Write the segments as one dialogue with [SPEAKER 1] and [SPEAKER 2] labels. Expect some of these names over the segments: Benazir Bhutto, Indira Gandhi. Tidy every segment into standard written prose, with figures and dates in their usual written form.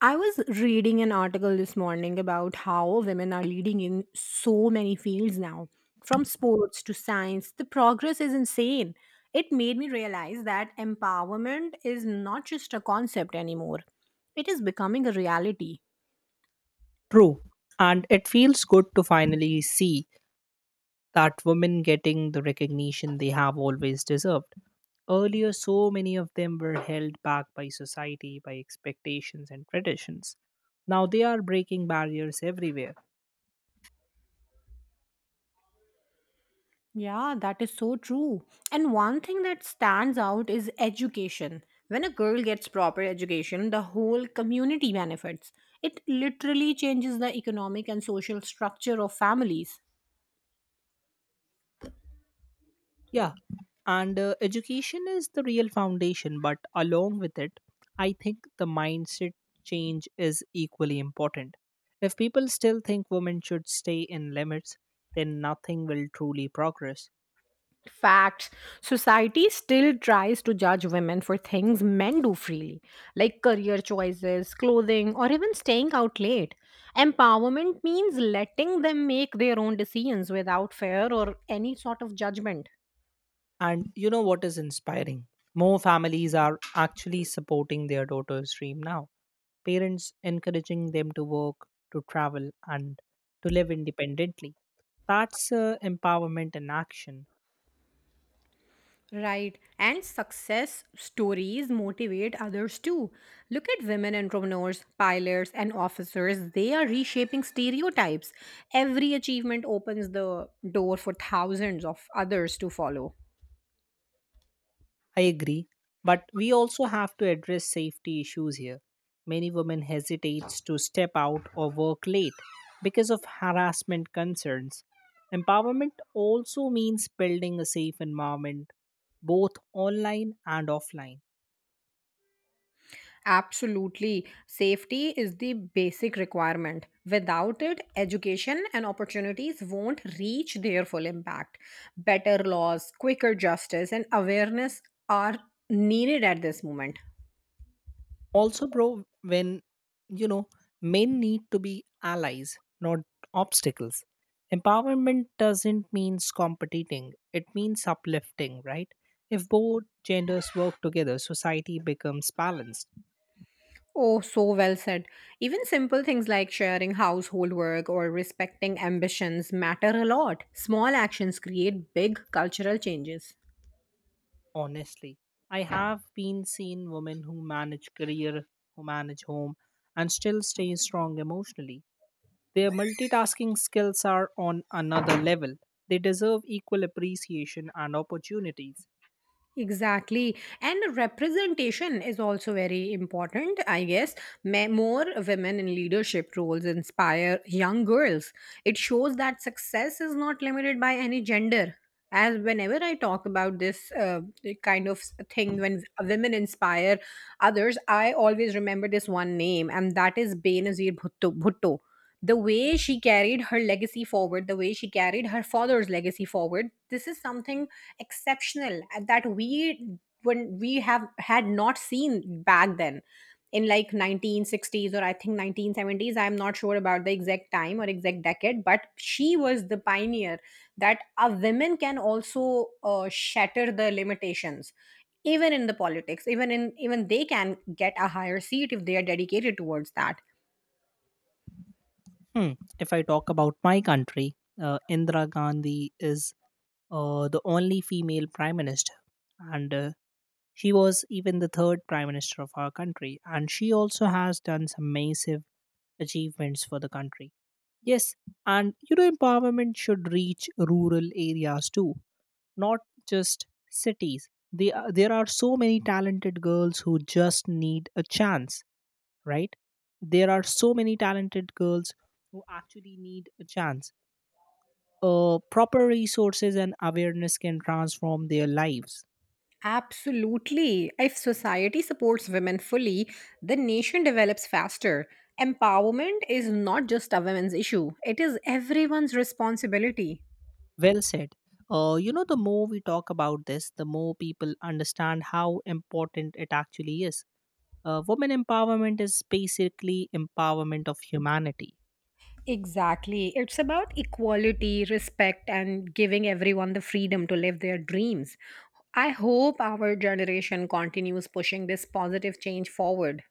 [SPEAKER 1] I was reading an article this morning about how women are leading in so many fields now, from sports to science. The progress is insane. It made me realize that empowerment is not just a concept anymore, it is becoming a reality.
[SPEAKER 2] True. And it feels good to finally see that women getting the recognition they have always deserved. Earlier, so many of them were held back by society, by expectations and traditions. Now they are breaking barriers everywhere.
[SPEAKER 1] Yeah, that is so true. And one thing that stands out is education. When a girl gets proper education, the whole community benefits. It literally changes the economic and social structure of families.
[SPEAKER 2] Yeah. And education is the real foundation, but along with it, I think the mindset change is equally important. If people still think women should stay in limits, then nothing will truly progress.
[SPEAKER 1] Facts. Society still tries to judge women for things men do freely, like career choices, clothing, or even staying out late. Empowerment means letting them make their own decisions without fear or any sort of judgment.
[SPEAKER 2] And you know what is inspiring? More families are actually supporting their daughter's dream now. Parents encouraging them to work, to travel, and to live independently. That's empowerment in action.
[SPEAKER 1] Right. And success stories motivate others too. Look at women entrepreneurs, pilots, and officers. They are reshaping stereotypes. Every achievement opens the door for thousands of others to follow.
[SPEAKER 2] I agree. But we also have to address safety issues here. Many women hesitate to step out or work late because of harassment concerns. Empowerment also means building a safe environment, both online and offline.
[SPEAKER 1] Absolutely. Safety is the basic requirement. Without it, education and opportunities won't reach their full impact. Better laws, quicker justice, and awareness are needed at this moment.
[SPEAKER 2] Also, bro, when you know men need to be allies, not obstacles. Empowerment doesn't mean competing, it means uplifting, right? If both genders work together, society becomes balanced.
[SPEAKER 1] Oh, so well said. Even simple things like sharing household work or respecting ambitions matter a lot. Small actions create big cultural changes.
[SPEAKER 2] Honestly, I have been seen women who manage career, who manage home, and still stay strong emotionally. Their multitasking skills are on another level. They deserve equal appreciation and opportunities.
[SPEAKER 1] Exactly. And representation is also very important, I guess. More women in leadership roles inspire young girls. It shows that success is not limited by any gender. As whenever I talk about this kind of thing, when women inspire others, I always remember this one name, and that is Benazir Bhutto. Bhutto, the way she carried her legacy forward, the way she carried her father's legacy forward, this is something exceptional that we when we have had not seen back then in like 1960s or I think 1970s. I'm not sure about the exact time or exact decade, but she was the pioneer that a women can also shatter the limitations, even in the politics, even they can get a higher seat if they are dedicated towards that.
[SPEAKER 2] Hmm. If I talk about my country, Indira Gandhi is the only female prime minister, and she was even the third prime minister of our country. And she also has done some massive achievements for the country. Yes, and you know, empowerment should reach rural areas too, not just cities. There are so many talented girls who just need a chance, right? There are so many talented girls who actually need a chance. Proper resources and awareness can transform their lives.
[SPEAKER 1] Absolutely. If society supports women fully, the nation develops faster. Empowerment is not just a women's issue, it is everyone's responsibility.
[SPEAKER 2] Well said. You know, the more we talk about this, the more people understand how important it actually is. Women empowerment is basically empowerment of humanity.
[SPEAKER 1] Exactly. It's about equality, respect, and giving everyone the freedom to live their dreams. I hope our generation continues pushing this positive change forward.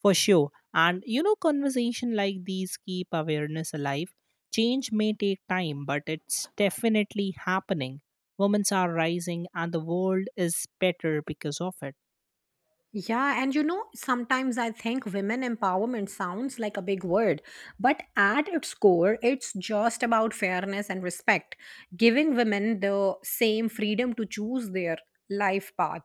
[SPEAKER 2] For sure. And you know, conversation like these keep awareness alive. Change may take time, but it's definitely happening. Women are rising, and the world is better because of it.
[SPEAKER 1] Yeah, and sometimes I think women empowerment sounds like a big word, but at its core, it's just about fairness and respect, giving women the same freedom to choose their life path.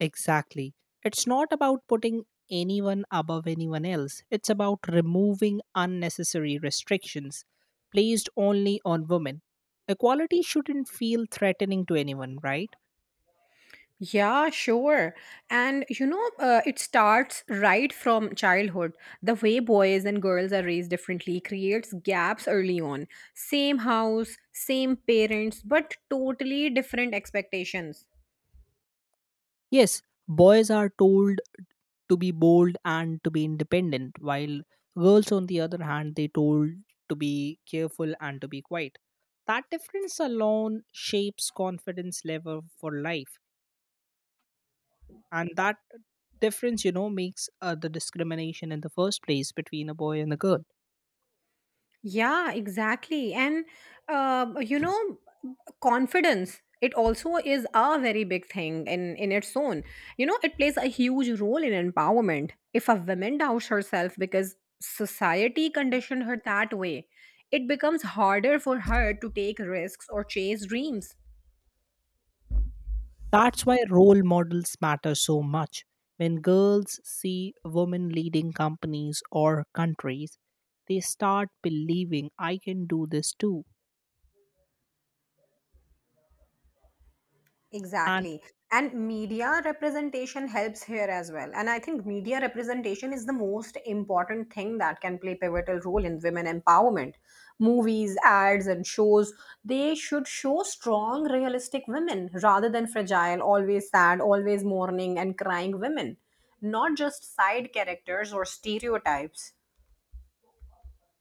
[SPEAKER 2] Exactly. It's not about putting anyone above anyone else, it's about removing unnecessary restrictions placed only on women. Equality shouldn't feel threatening to anyone, right?
[SPEAKER 1] Yeah, sure. And it starts right from childhood. The way boys and girls are raised differently creates gaps early on. Same house, same parents, but totally different expectations.
[SPEAKER 2] Yes, boys are told to be bold and to be independent, while girls, on the other hand, they told to be careful and to be quiet. That difference alone shapes confidence level for life, and that difference, you know, makes the discrimination in the first place between a boy and a girl.
[SPEAKER 1] Yeah, exactly. And, uh, you know, confidence, it also is a very big thing in, its own. It plays a huge role in empowerment. If a woman doubts herself because society conditioned her that way, it becomes harder for her to take risks or chase dreams.
[SPEAKER 2] That's why role models matter so much. When girls see women leading companies or countries, they start believing I can do this too. And
[SPEAKER 1] Exactly. And media representation helps here as well. And I think media representation is the most important thing that can play pivotal role in women empowerment. Movies, ads, and shows, they should show strong, realistic women rather than fragile, always sad, always mourning, and crying women, not just side characters or stereotypes.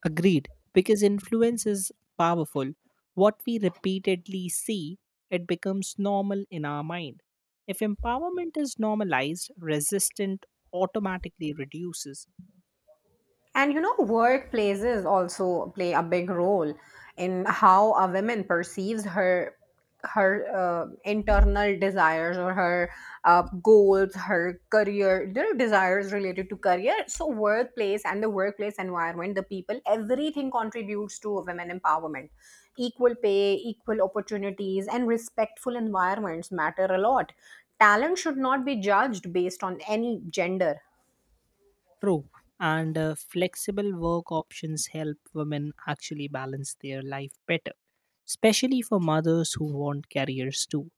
[SPEAKER 2] agreed, because influence is powerful. What we repeatedly see, it becomes normal in our mind. If empowerment is normalized, resistance automatically reduces.
[SPEAKER 1] And workplaces also play a big role in how a woman perceives her internal desires, or her goals, her career, their desires related to career. So, workplace and the workplace environment, the people, everything contributes to women empowerment. Equal pay, equal opportunities, and respectful environments matter a lot. Talent should not be judged based on any gender.
[SPEAKER 2] True. And flexible work options help women actually balance their life better, especially for mothers who want careers too.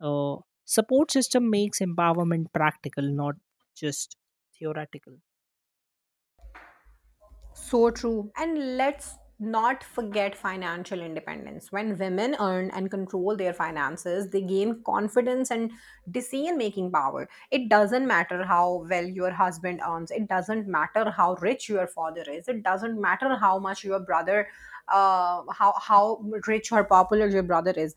[SPEAKER 2] Uh, Support system makes empowerment practical, not just theoretical.
[SPEAKER 1] So true. And let's not forget financial independence. When women earn and control their finances, they gain confidence and decision making power. It doesn't matter how well your husband earns, it doesn't matter how rich your father is, it doesn't matter how much your brother, how rich or popular your brother is.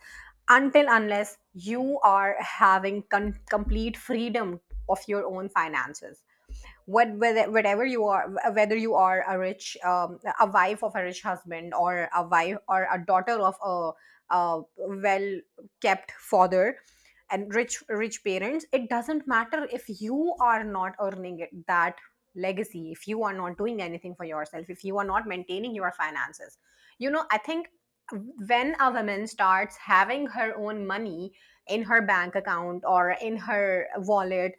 [SPEAKER 1] Until unless you are having complete freedom of your own finances, whatever you are a rich a wife of a rich husband, or a wife or a daughter of a well kept father and rich parents, it doesn't matter. If you are not earning it, that legacy, if you are not doing anything for yourself, if you are not maintaining your finances, I think when a woman starts having her own money in her bank account or in her wallet,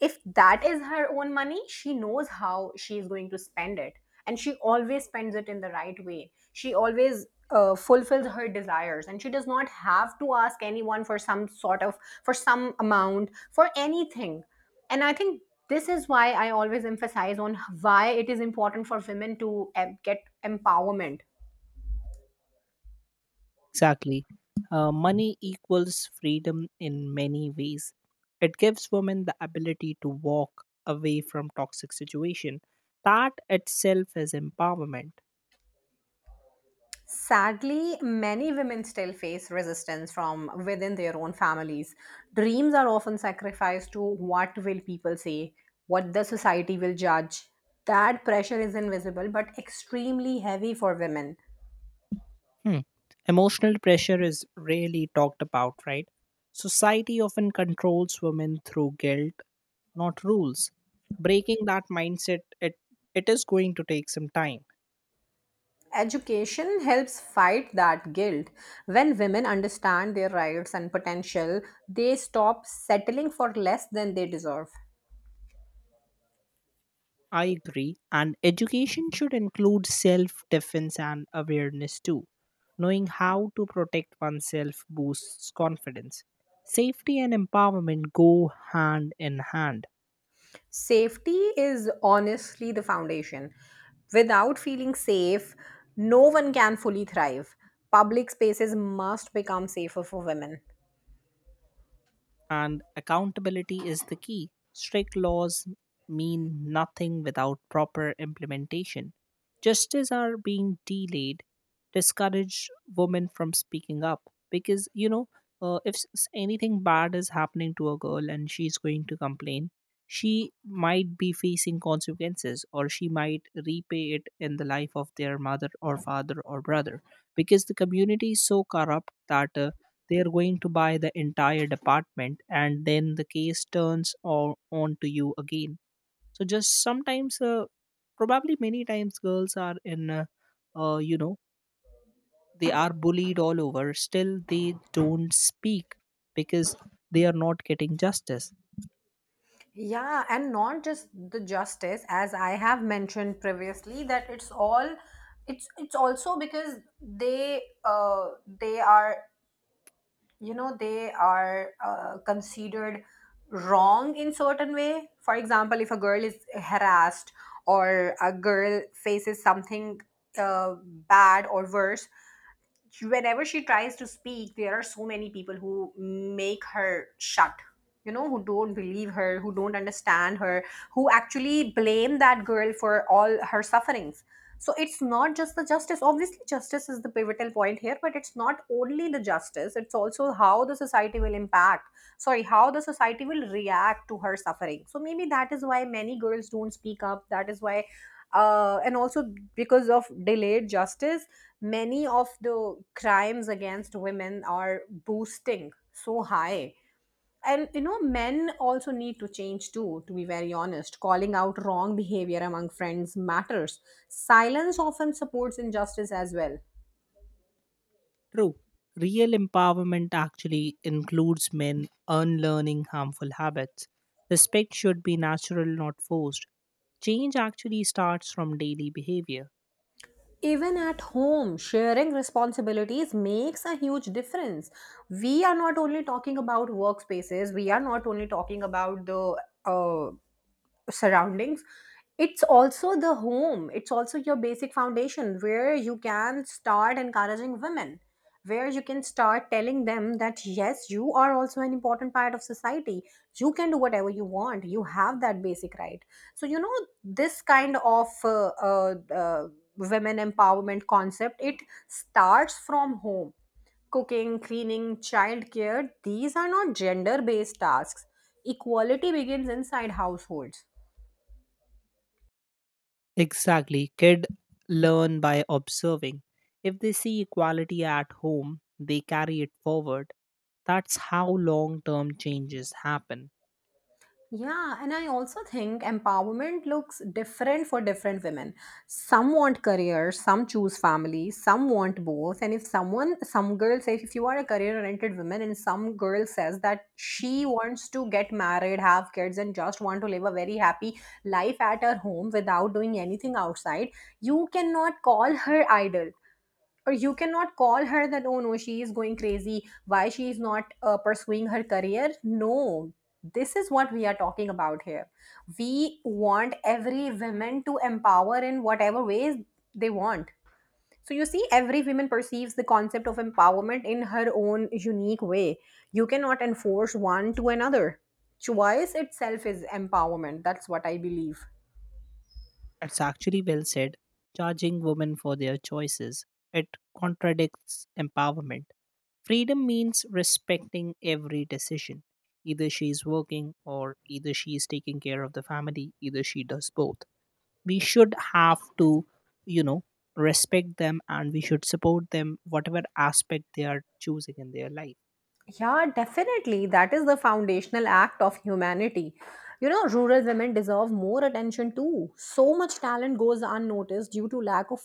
[SPEAKER 1] if that is her own money, she knows how she is going to spend it. And she always spends it in the right way. She always fulfills her desires and she does not have to ask anyone for some sort of, for some amount, for anything. And I think this is why I always emphasize on why it is important for women to get empowerment.
[SPEAKER 2] Exactly. Money equals freedom in many ways. It gives women the ability to walk away from toxic situation. That itself is empowerment.
[SPEAKER 1] Sadly, many women still face resistance from within their own families. Dreams are often sacrificed to what will people say, what the society will judge. That pressure is invisible but extremely heavy for women.
[SPEAKER 2] Hmm. Emotional pressure is rarely talked about, right? Society often controls women through guilt, not rules. Breaking that mindset, it is going to take some time.
[SPEAKER 1] Education helps fight that guilt. When women understand their rights and potential, they stop settling for less than they deserve.
[SPEAKER 2] I agree. And education should include self defense and awareness too. Knowing how to protect oneself boosts confidence. Safety and empowerment go hand in hand.
[SPEAKER 1] Safety is honestly the foundation. Without feeling safe, no one can fully thrive. Public spaces must become safer for women.
[SPEAKER 2] And accountability is the key. Strict laws mean nothing without proper implementation. Justice are being delayed, discourage women from speaking up because you know, if s- anything bad is happening to a girl and she's going to complain, she might be facing consequences or she might repay it in the life of their mother or father or brother, because the community is so corrupt that they are going to buy the entire department and then the case turns on to you again. So just sometimes, probably many times, girls are you know, they are bullied all over. Still, they don't speak because they are not getting justice.
[SPEAKER 1] Yeah, and not just the justice, as I have mentioned previously, that it's all it's also because they are, they are considered wrong in certain way. For example, if a girl is harassed or a girl faces something uh, bad or worse, whenever she tries to speak, there are so many people who make her shut, who don't believe her, who don't understand her, who actually blame that girl for all her sufferings. So it's not just the justice, obviously justice is the pivotal point here, but it's not only the justice, it's also how the society will impact, sorry, how the society will react to her suffering. So maybe that is why many girls don't speak up. That is why, and also because of delayed justice, many of the crimes against women are boosting so high. And men also need to change too, to be very honest. Calling out wrong behavior among friends matters. Silence often supports injustice as well.
[SPEAKER 2] True. Real empowerment actually includes men unlearning harmful habits. Respect should be natural, not forced. Change actually starts from daily behavior.
[SPEAKER 1] Even at home, sharing responsibilities makes a huge difference. We are not only talking about workspaces, we are not only talking about the surroundings, it's also the home, it's also your basic foundation where you can start encouraging women, where you can start telling them that yes, you are also an important part of society, you can do whatever you want, you have that basic right. So, this kind of women empowerment concept, it starts from home. Cooking, cleaning, childcare, these are not gender based tasks. Equality begins inside households.
[SPEAKER 2] Exactly. Kid learn by observing. If they see equality at home, they carry it forward. That's how long term changes happen.
[SPEAKER 1] Yeah, and I also think empowerment looks different for different women. Some want career, some choose family, some want both. And if someone, some girl says, if you are a career oriented woman, and some girl says that she wants to get married, have kids, and just want to live a very happy life at her home without doing anything outside, you cannot call her idle, or you cannot call her that oh no, she is going crazy, why she is not pursuing her career. No, this is what we are talking about here. We want every woman to empower in whatever ways they want. So you see, every woman perceives the concept of empowerment in her own unique way. You cannot enforce one to another. Choice itself is empowerment, that's what I believe.
[SPEAKER 2] It's actually well said. Charging women for their choices. It contradicts empowerment. Freedom means respecting every decision. Either she is working or either she is taking care of the family, either she does both. We should have to, you know, respect them and we should support them, whatever aspect they are choosing in their life.
[SPEAKER 1] Yeah, definitely. That is the foundational act of humanity. Rural women deserve more attention too. So much talent goes unnoticed due to lack of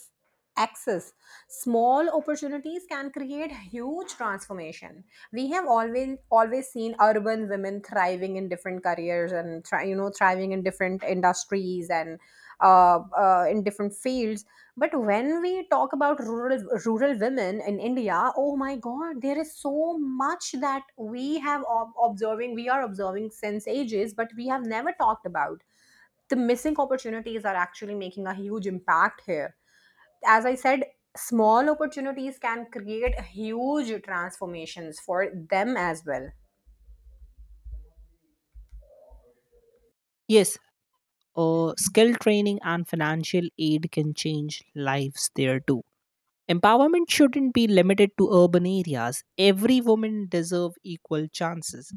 [SPEAKER 1] access. Small opportunities can create huge transformation. We have always seen urban women thriving in different careers and thriving in different industries and in different fields. But when we talk about rural women in India, oh my God, there is so much that we have observing. We are observing since ages, but we have never talked about. The missing opportunities are actually making a huge impact here. As I said, small opportunities can create huge transformations for them as well.
[SPEAKER 2] Yes, skill training and financial aid can change lives there too. Empowerment shouldn't be limited to urban areas. Every woman deserve equal chances.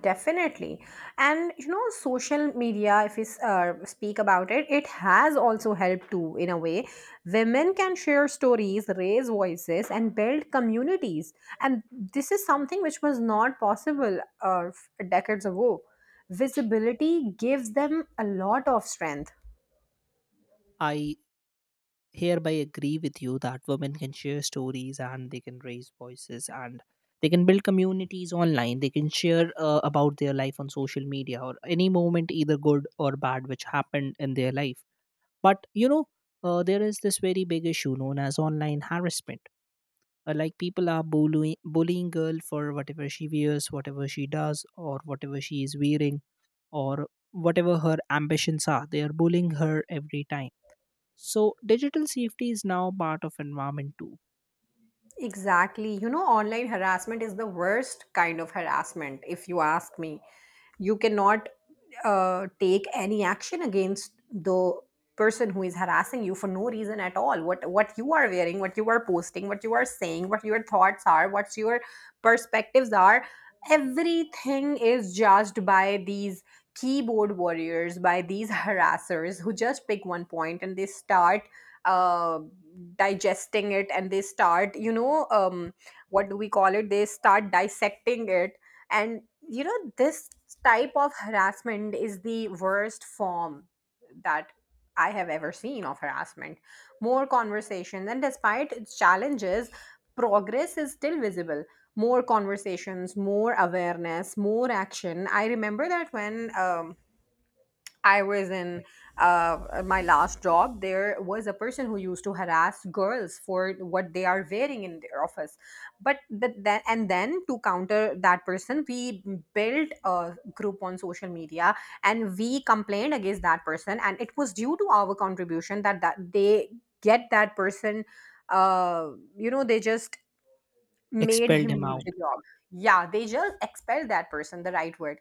[SPEAKER 1] Definitely. And social media, if we speak about it, it has also helped too, in a way. Women can share stories, raise voices, and build communities. And this is something which was not possible decades ago. Visibility gives them a lot of strength.
[SPEAKER 2] I hereby agree with you that women can share stories and they can raise voices and they can build communities online. They can share about their life on social media or any moment, either good or bad, which happened in their life. But you know, there is this very big issue known as online harassment. Like people are bullying girl for whatever she wears, whatever she does, or whatever she is wearing, or whatever her ambitions are, they are bullying her every time. So digital safety is now part of environment too.
[SPEAKER 1] Exactly. Online harassment is the worst kind of harassment, if you ask me. You cannot take any action against the person who is harassing you for no reason at all. What you are wearing, what you are posting, what you are saying, what your thoughts are, what your perspectives are, everything is judged by these keyboard warriors, by these harassers who just pick one point and they start uh, digesting it, and they start you know what do we call it they start dissecting it. And this type of harassment is the worst form that I have ever seen of harassment. More conversations, and despite its challenges progress is still visible. More conversations, more awareness, more action. I remember that when I was in my last job, there was a person who used to harass girls for what they are wearing in their office. But then to counter that person, we built a group on social media and we complained against that person. And it was due to our contribution that they get that person, uh, they just made
[SPEAKER 2] Expelled
[SPEAKER 1] him
[SPEAKER 2] him
[SPEAKER 1] leave
[SPEAKER 2] out.
[SPEAKER 1] the job. Yeah, they just expelled that person, the right word.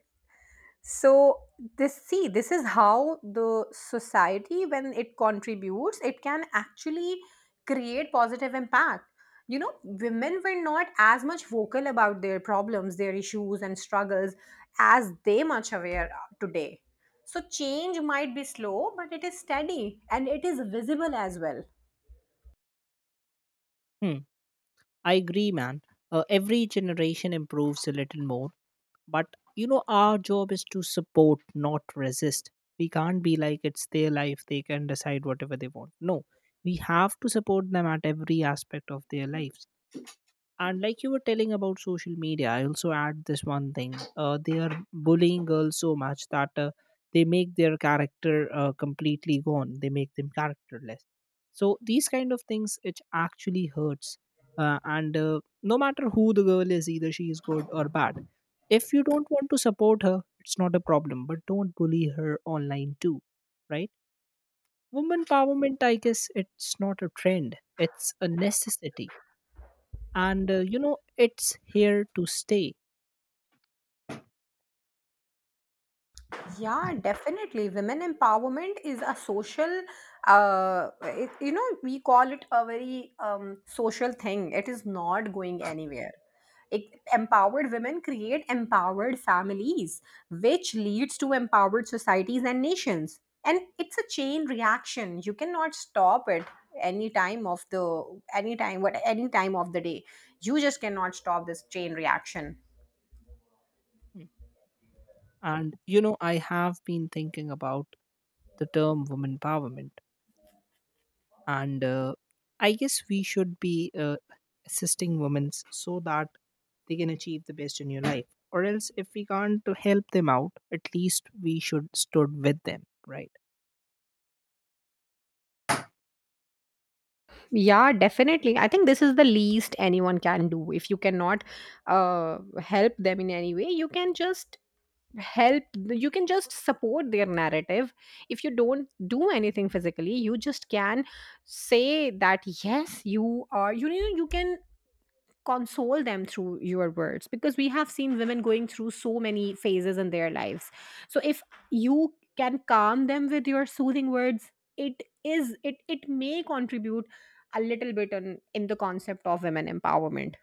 [SPEAKER 1] So this, see, this is how the society, when it contributes, it can actually create positive impact. You know, women were not as much vocal about their problems, their issues and struggles, as they much aware are today. So change might be slow, but it is steady and it is visible as well.
[SPEAKER 2] Hmm. I agree, man. Every generation improves a little more, but you know our job is to support, not resist. We can't be like it's their life, they can decide whatever they want. No, we have to support them at every aspect of their lives. And like you were telling about social media, I also add this one thing. They are bullying girls so much that they make their character completely gone. They make them characterless. So these kind of things, it actually hurts. And No matter who the girl is, either she is good or bad. If you don't want to support her, it's not a problem. But don't bully her online too, right? Woman empowerment, I guess, it's not a trend. It's a necessity, and you know it's here to stay.
[SPEAKER 1] Yeah, definitely. Women empowerment is a social, it, we call it a very social thing. It is not going anywhere. It, empowered women create empowered families, which leads to empowered societies and nations. And it's a chain reaction. You cannot stop it any time of the any time what any time of the day. You just cannot stop this chain reaction.
[SPEAKER 2] Mm. And you know, I have been thinking about the term women empowerment, and I guess we should be assisting women so that they can achieve the best in your life, or else if we can't to help them out, at least we should stood with them, right?
[SPEAKER 1] Yeah, definitely. I think this is the least anyone can do. If you cannot help them in any way, you can help, you can just support their narrative. If you don't do anything physically, you just can say that yes, you are, you can console them through your words, because we have seen women going through so many phases in their lives. So if you can calm them with your soothing words, it is it it may contribute a little bit on in the concept of women empowerment.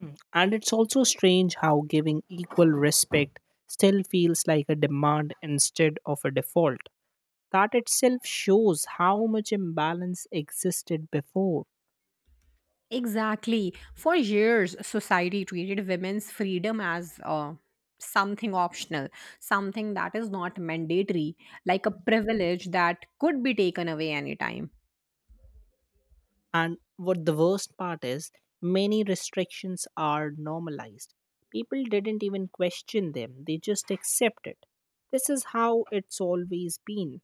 [SPEAKER 2] Mm. And it's also strange how giving equal respect still feels like a demand instead of a default. That itself shows how much imbalance existed before.
[SPEAKER 1] Exactly. For years, society treated women's freedom as something optional, something that is not mandatory, like a privilege that could be taken away anytime.
[SPEAKER 2] And what the worst part is, many restrictions are normalized. People didn't even question them, they just accept it. This is how it's always been.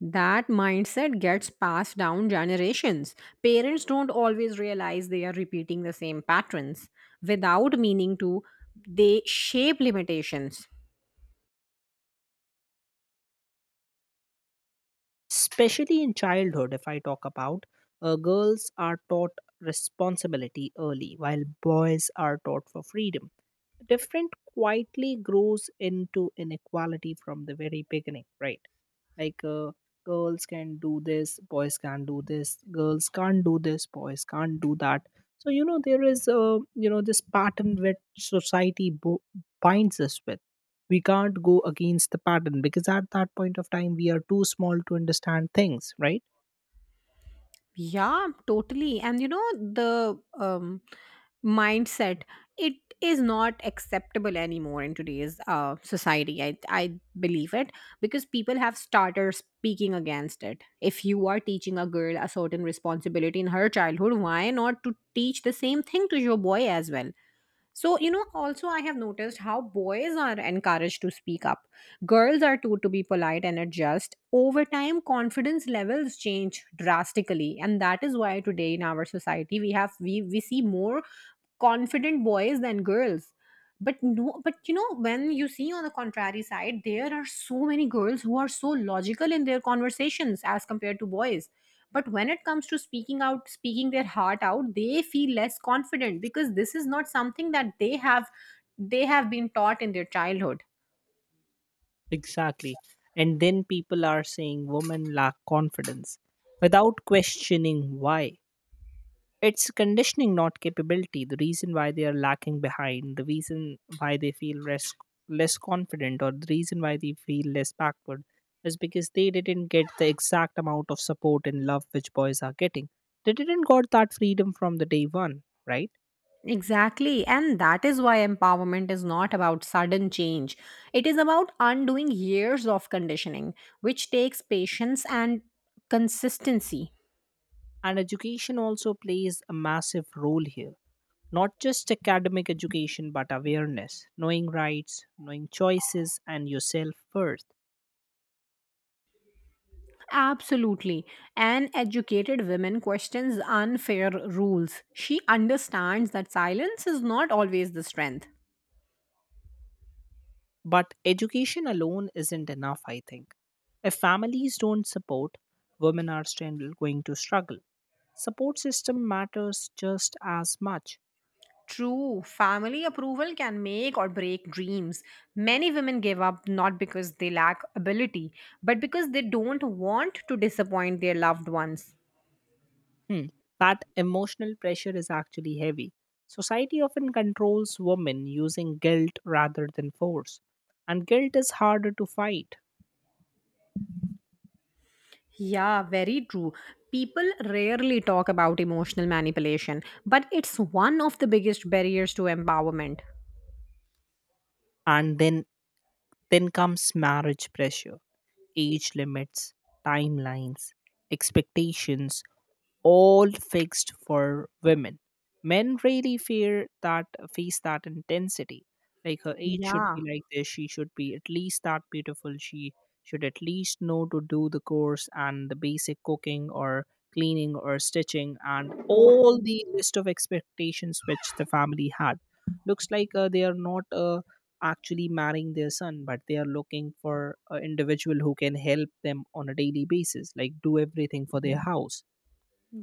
[SPEAKER 1] That mindset gets passed down generations. Parents don't always realize they are repeating the same patterns. Without meaning to, they shape limitations.
[SPEAKER 2] Especially in childhood, if I talk about, girls are taught responsibility early, while boys are taught for freedom. Different quietly grows into inequality from the very beginning, right? Like girls can do this, boys can do this, girls can't do this, boys can't do that. So you know there is, you know, this pattern which binds us with. We can't go against the pattern because at that point of time we are too small to understand things, right?
[SPEAKER 1] Yeah, totally. And you know, the mindset, it is not acceptable anymore in today's society. I believe it because people have started speaking against it. If you are teaching a girl a certain responsibility in her childhood, why not to teach the same thing to your boy as well? So, you know, also I have noticed how boys are encouraged to speak up. Girls are taught to be polite and adjust. Over time, confidence levels change drastically. And that is why today in our society we see more confident boys than girls. But no, but you know, when you see on the contrary side, there are so many girls who are so logical in their conversations as compared to boys. But when it comes to speaking out, speaking their heart out, they feel less confident because this is not something that they have been taught in their childhood.
[SPEAKER 2] Exactly. And then people are saying women lack confidence without questioning why. It's conditioning, not capability. The reason why they are lacking behind, the reason why they feel less, less confident, or the reason why they feel less backward is because they didn't get the exact amount of support and love which boys are getting. They didn't got that freedom from the day one, right?
[SPEAKER 1] Exactly. And that is why empowerment is not about sudden change. It is about undoing years of conditioning, which takes patience and consistency.
[SPEAKER 2] And education also plays a massive role here. Not just academic education, but awareness, knowing rights, knowing choices, and yourself first.
[SPEAKER 1] Absolutely. An educated woman questions unfair rules. She understands that silence is not always the strength.
[SPEAKER 2] But education alone isn't enough, I think. If families don't support, women are still going to struggle. Support system matters just as much.
[SPEAKER 1] True, family approval can make or break dreams. Many women give up not because they lack ability, but because they don't want to disappoint their loved ones.
[SPEAKER 2] Hmm. That emotional pressure is actually heavy. Society often controls women using guilt rather than force. And guilt is harder to fight.
[SPEAKER 1] Yeah, very true. People rarely talk about emotional manipulation, but it's one of the biggest barriers to empowerment.
[SPEAKER 2] And then comes marriage pressure, age limits, timelines, expectations all fixed for women. Men really fear that face that intensity. Like her age should
[SPEAKER 1] Yeah,
[SPEAKER 2] be like this, she should be at least that beautiful, she should at least know to do the course and the basic cooking or cleaning or stitching and
[SPEAKER 1] tot-
[SPEAKER 2] all the list of expectations which the family had. Looks like they are not actually marrying their son, but they are looking for an individual who can help them on a daily basis, like do everything for their house.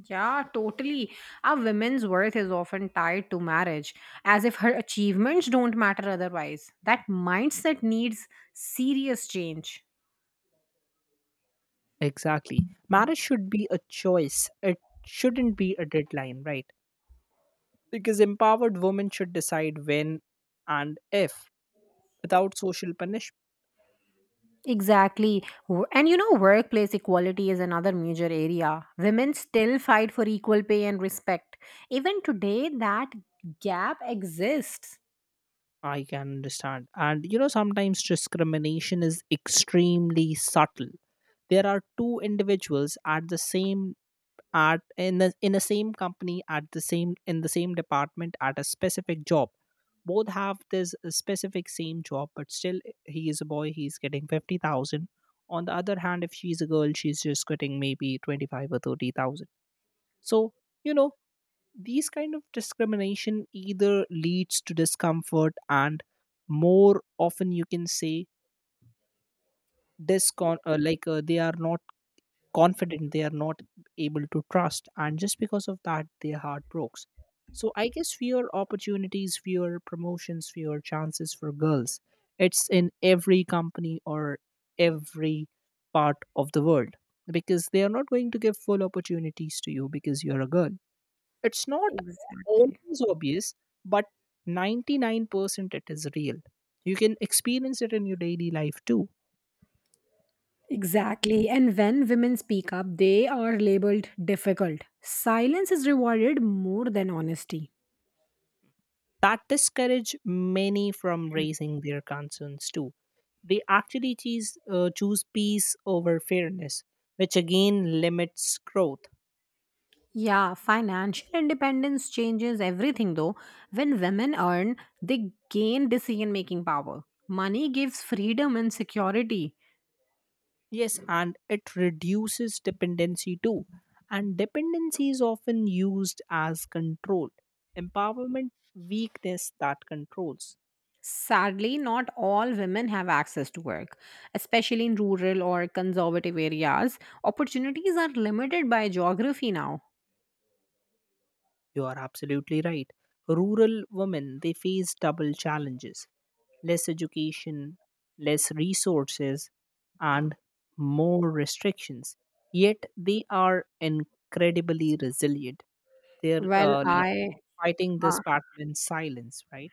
[SPEAKER 1] yeah, totally. Our women's worth is often tied to marriage, as if her achievements don't matter otherwise. That mindset needs serious change.
[SPEAKER 2] Exactly. Marriage should be a choice. It shouldn't be a deadline, right? Because empowered women should decide when and if, without social punishment.
[SPEAKER 1] Exactly. And you know, workplace equality is another major area. Women still fight for equal pay and respect. Even today, that gap exists.
[SPEAKER 2] I can understand. And you know, sometimes discrimination is extremely subtle. There are two individuals at the same at in the same company at the same in the same department at a specific job, both have this specific same job, but still he is a boy, he's getting 50,000. On the other hand, if she's a girl, she's just getting maybe 25 or 30,000. So you know these kind of discrimination either leads to discomfort and, more often you can say, discon like they are not confident, they are not able to trust, and just because of that their heart breaks. So I guess fewer opportunities, fewer promotions, fewer chances for girls. It's in every company or every part of the world, because they are not going to give full opportunities to you because you're a girl. It's not
[SPEAKER 1] Exactly.
[SPEAKER 2] always obvious, but 99% it is real. You can experience it in your daily life too.
[SPEAKER 1] Exactly. And when women speak up, they are labeled difficult. Silence is rewarded more than honesty.
[SPEAKER 2] That discourage many from raising their concerns too. They actually choose peace over fairness, which again limits growth.
[SPEAKER 1] Yeah, financial independence changes everything though. When women earn, they gain decision making power. Money gives freedom and security.
[SPEAKER 2] Yes, and it reduces dependency too. And dependency is often used as control. Empowerment weakness that controls.
[SPEAKER 1] Sadly, not all women have access to work, especially in rural or conservative areas. Opportunities are limited by geography now.
[SPEAKER 2] You are absolutely right. Rural women they face double challenges. Less education, less resources, and more restrictions. Yet they are incredibly resilient. They're
[SPEAKER 1] Well,
[SPEAKER 2] like
[SPEAKER 1] I
[SPEAKER 2] fighting this
[SPEAKER 1] uh,
[SPEAKER 2] battle in silence, right?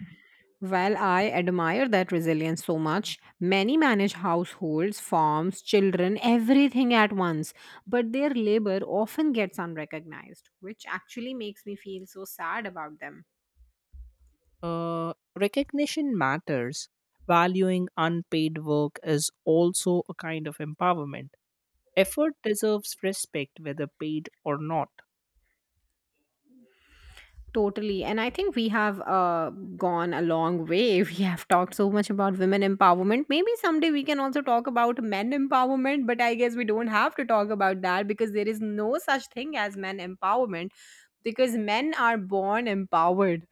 [SPEAKER 1] well, I admire that resilience so much. Many manage households, farms, children, everything at once, but their labor often gets unrecognized, which actually makes me feel so sad about them.
[SPEAKER 2] Recognition matters. Valuing unpaid work is also a kind of empowerment. Effort deserves respect, whether paid or not.
[SPEAKER 1] Totally. And I think we have gone a long way. We have talked so much about women empowerment. Maybe someday we can also talk about men empowerment, but I guess we don't have to talk about that because there is no such thing as men empowerment, because men are born empowered.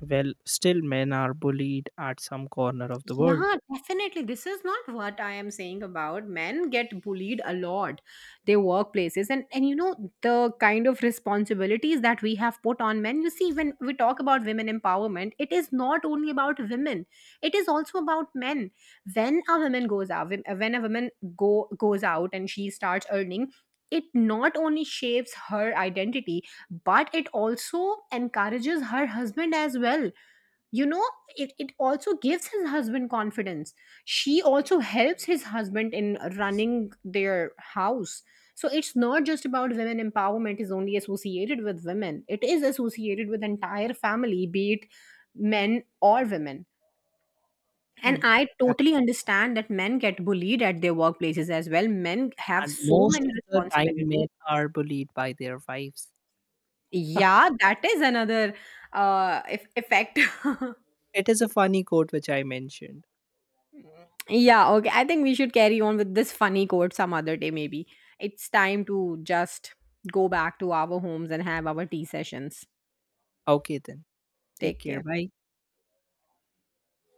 [SPEAKER 2] Well, still, men are bullied at some corner of the world.
[SPEAKER 1] Yeah, definitely. This is not what I am saying about men get bullied a lot, their workplaces, and you know, the kind of responsibilities that we have put on men. You see, when we talk about women empowerment, it is not only about women; it is also about men. When a woman goes out, when a woman go goes out and she starts earning, it not only shapes her identity, but it also encourages her husband as well. You know, it also gives his husband confidence. She also helps his husband in running their house. So it's not just about women empowerment is only associated with women; it is associated with entire family, be it men or women. And
[SPEAKER 2] Hmm.
[SPEAKER 1] I totally understand that men get bullied at their workplaces as well. Men have
[SPEAKER 2] And
[SPEAKER 1] so
[SPEAKER 2] most
[SPEAKER 1] many
[SPEAKER 2] of the time
[SPEAKER 1] responsibilities.
[SPEAKER 2] men are bullied by their wives.
[SPEAKER 1] Yeah, that is another effect.
[SPEAKER 2] It is a funny quote which I mentioned.
[SPEAKER 1] Yeah, okay. I think we should carry on with this funny quote some other day, maybe. It's time to just go back to our homes and have our tea sessions.
[SPEAKER 2] Okay then. Take
[SPEAKER 1] Take
[SPEAKER 2] care.
[SPEAKER 1] care.
[SPEAKER 2] Bye.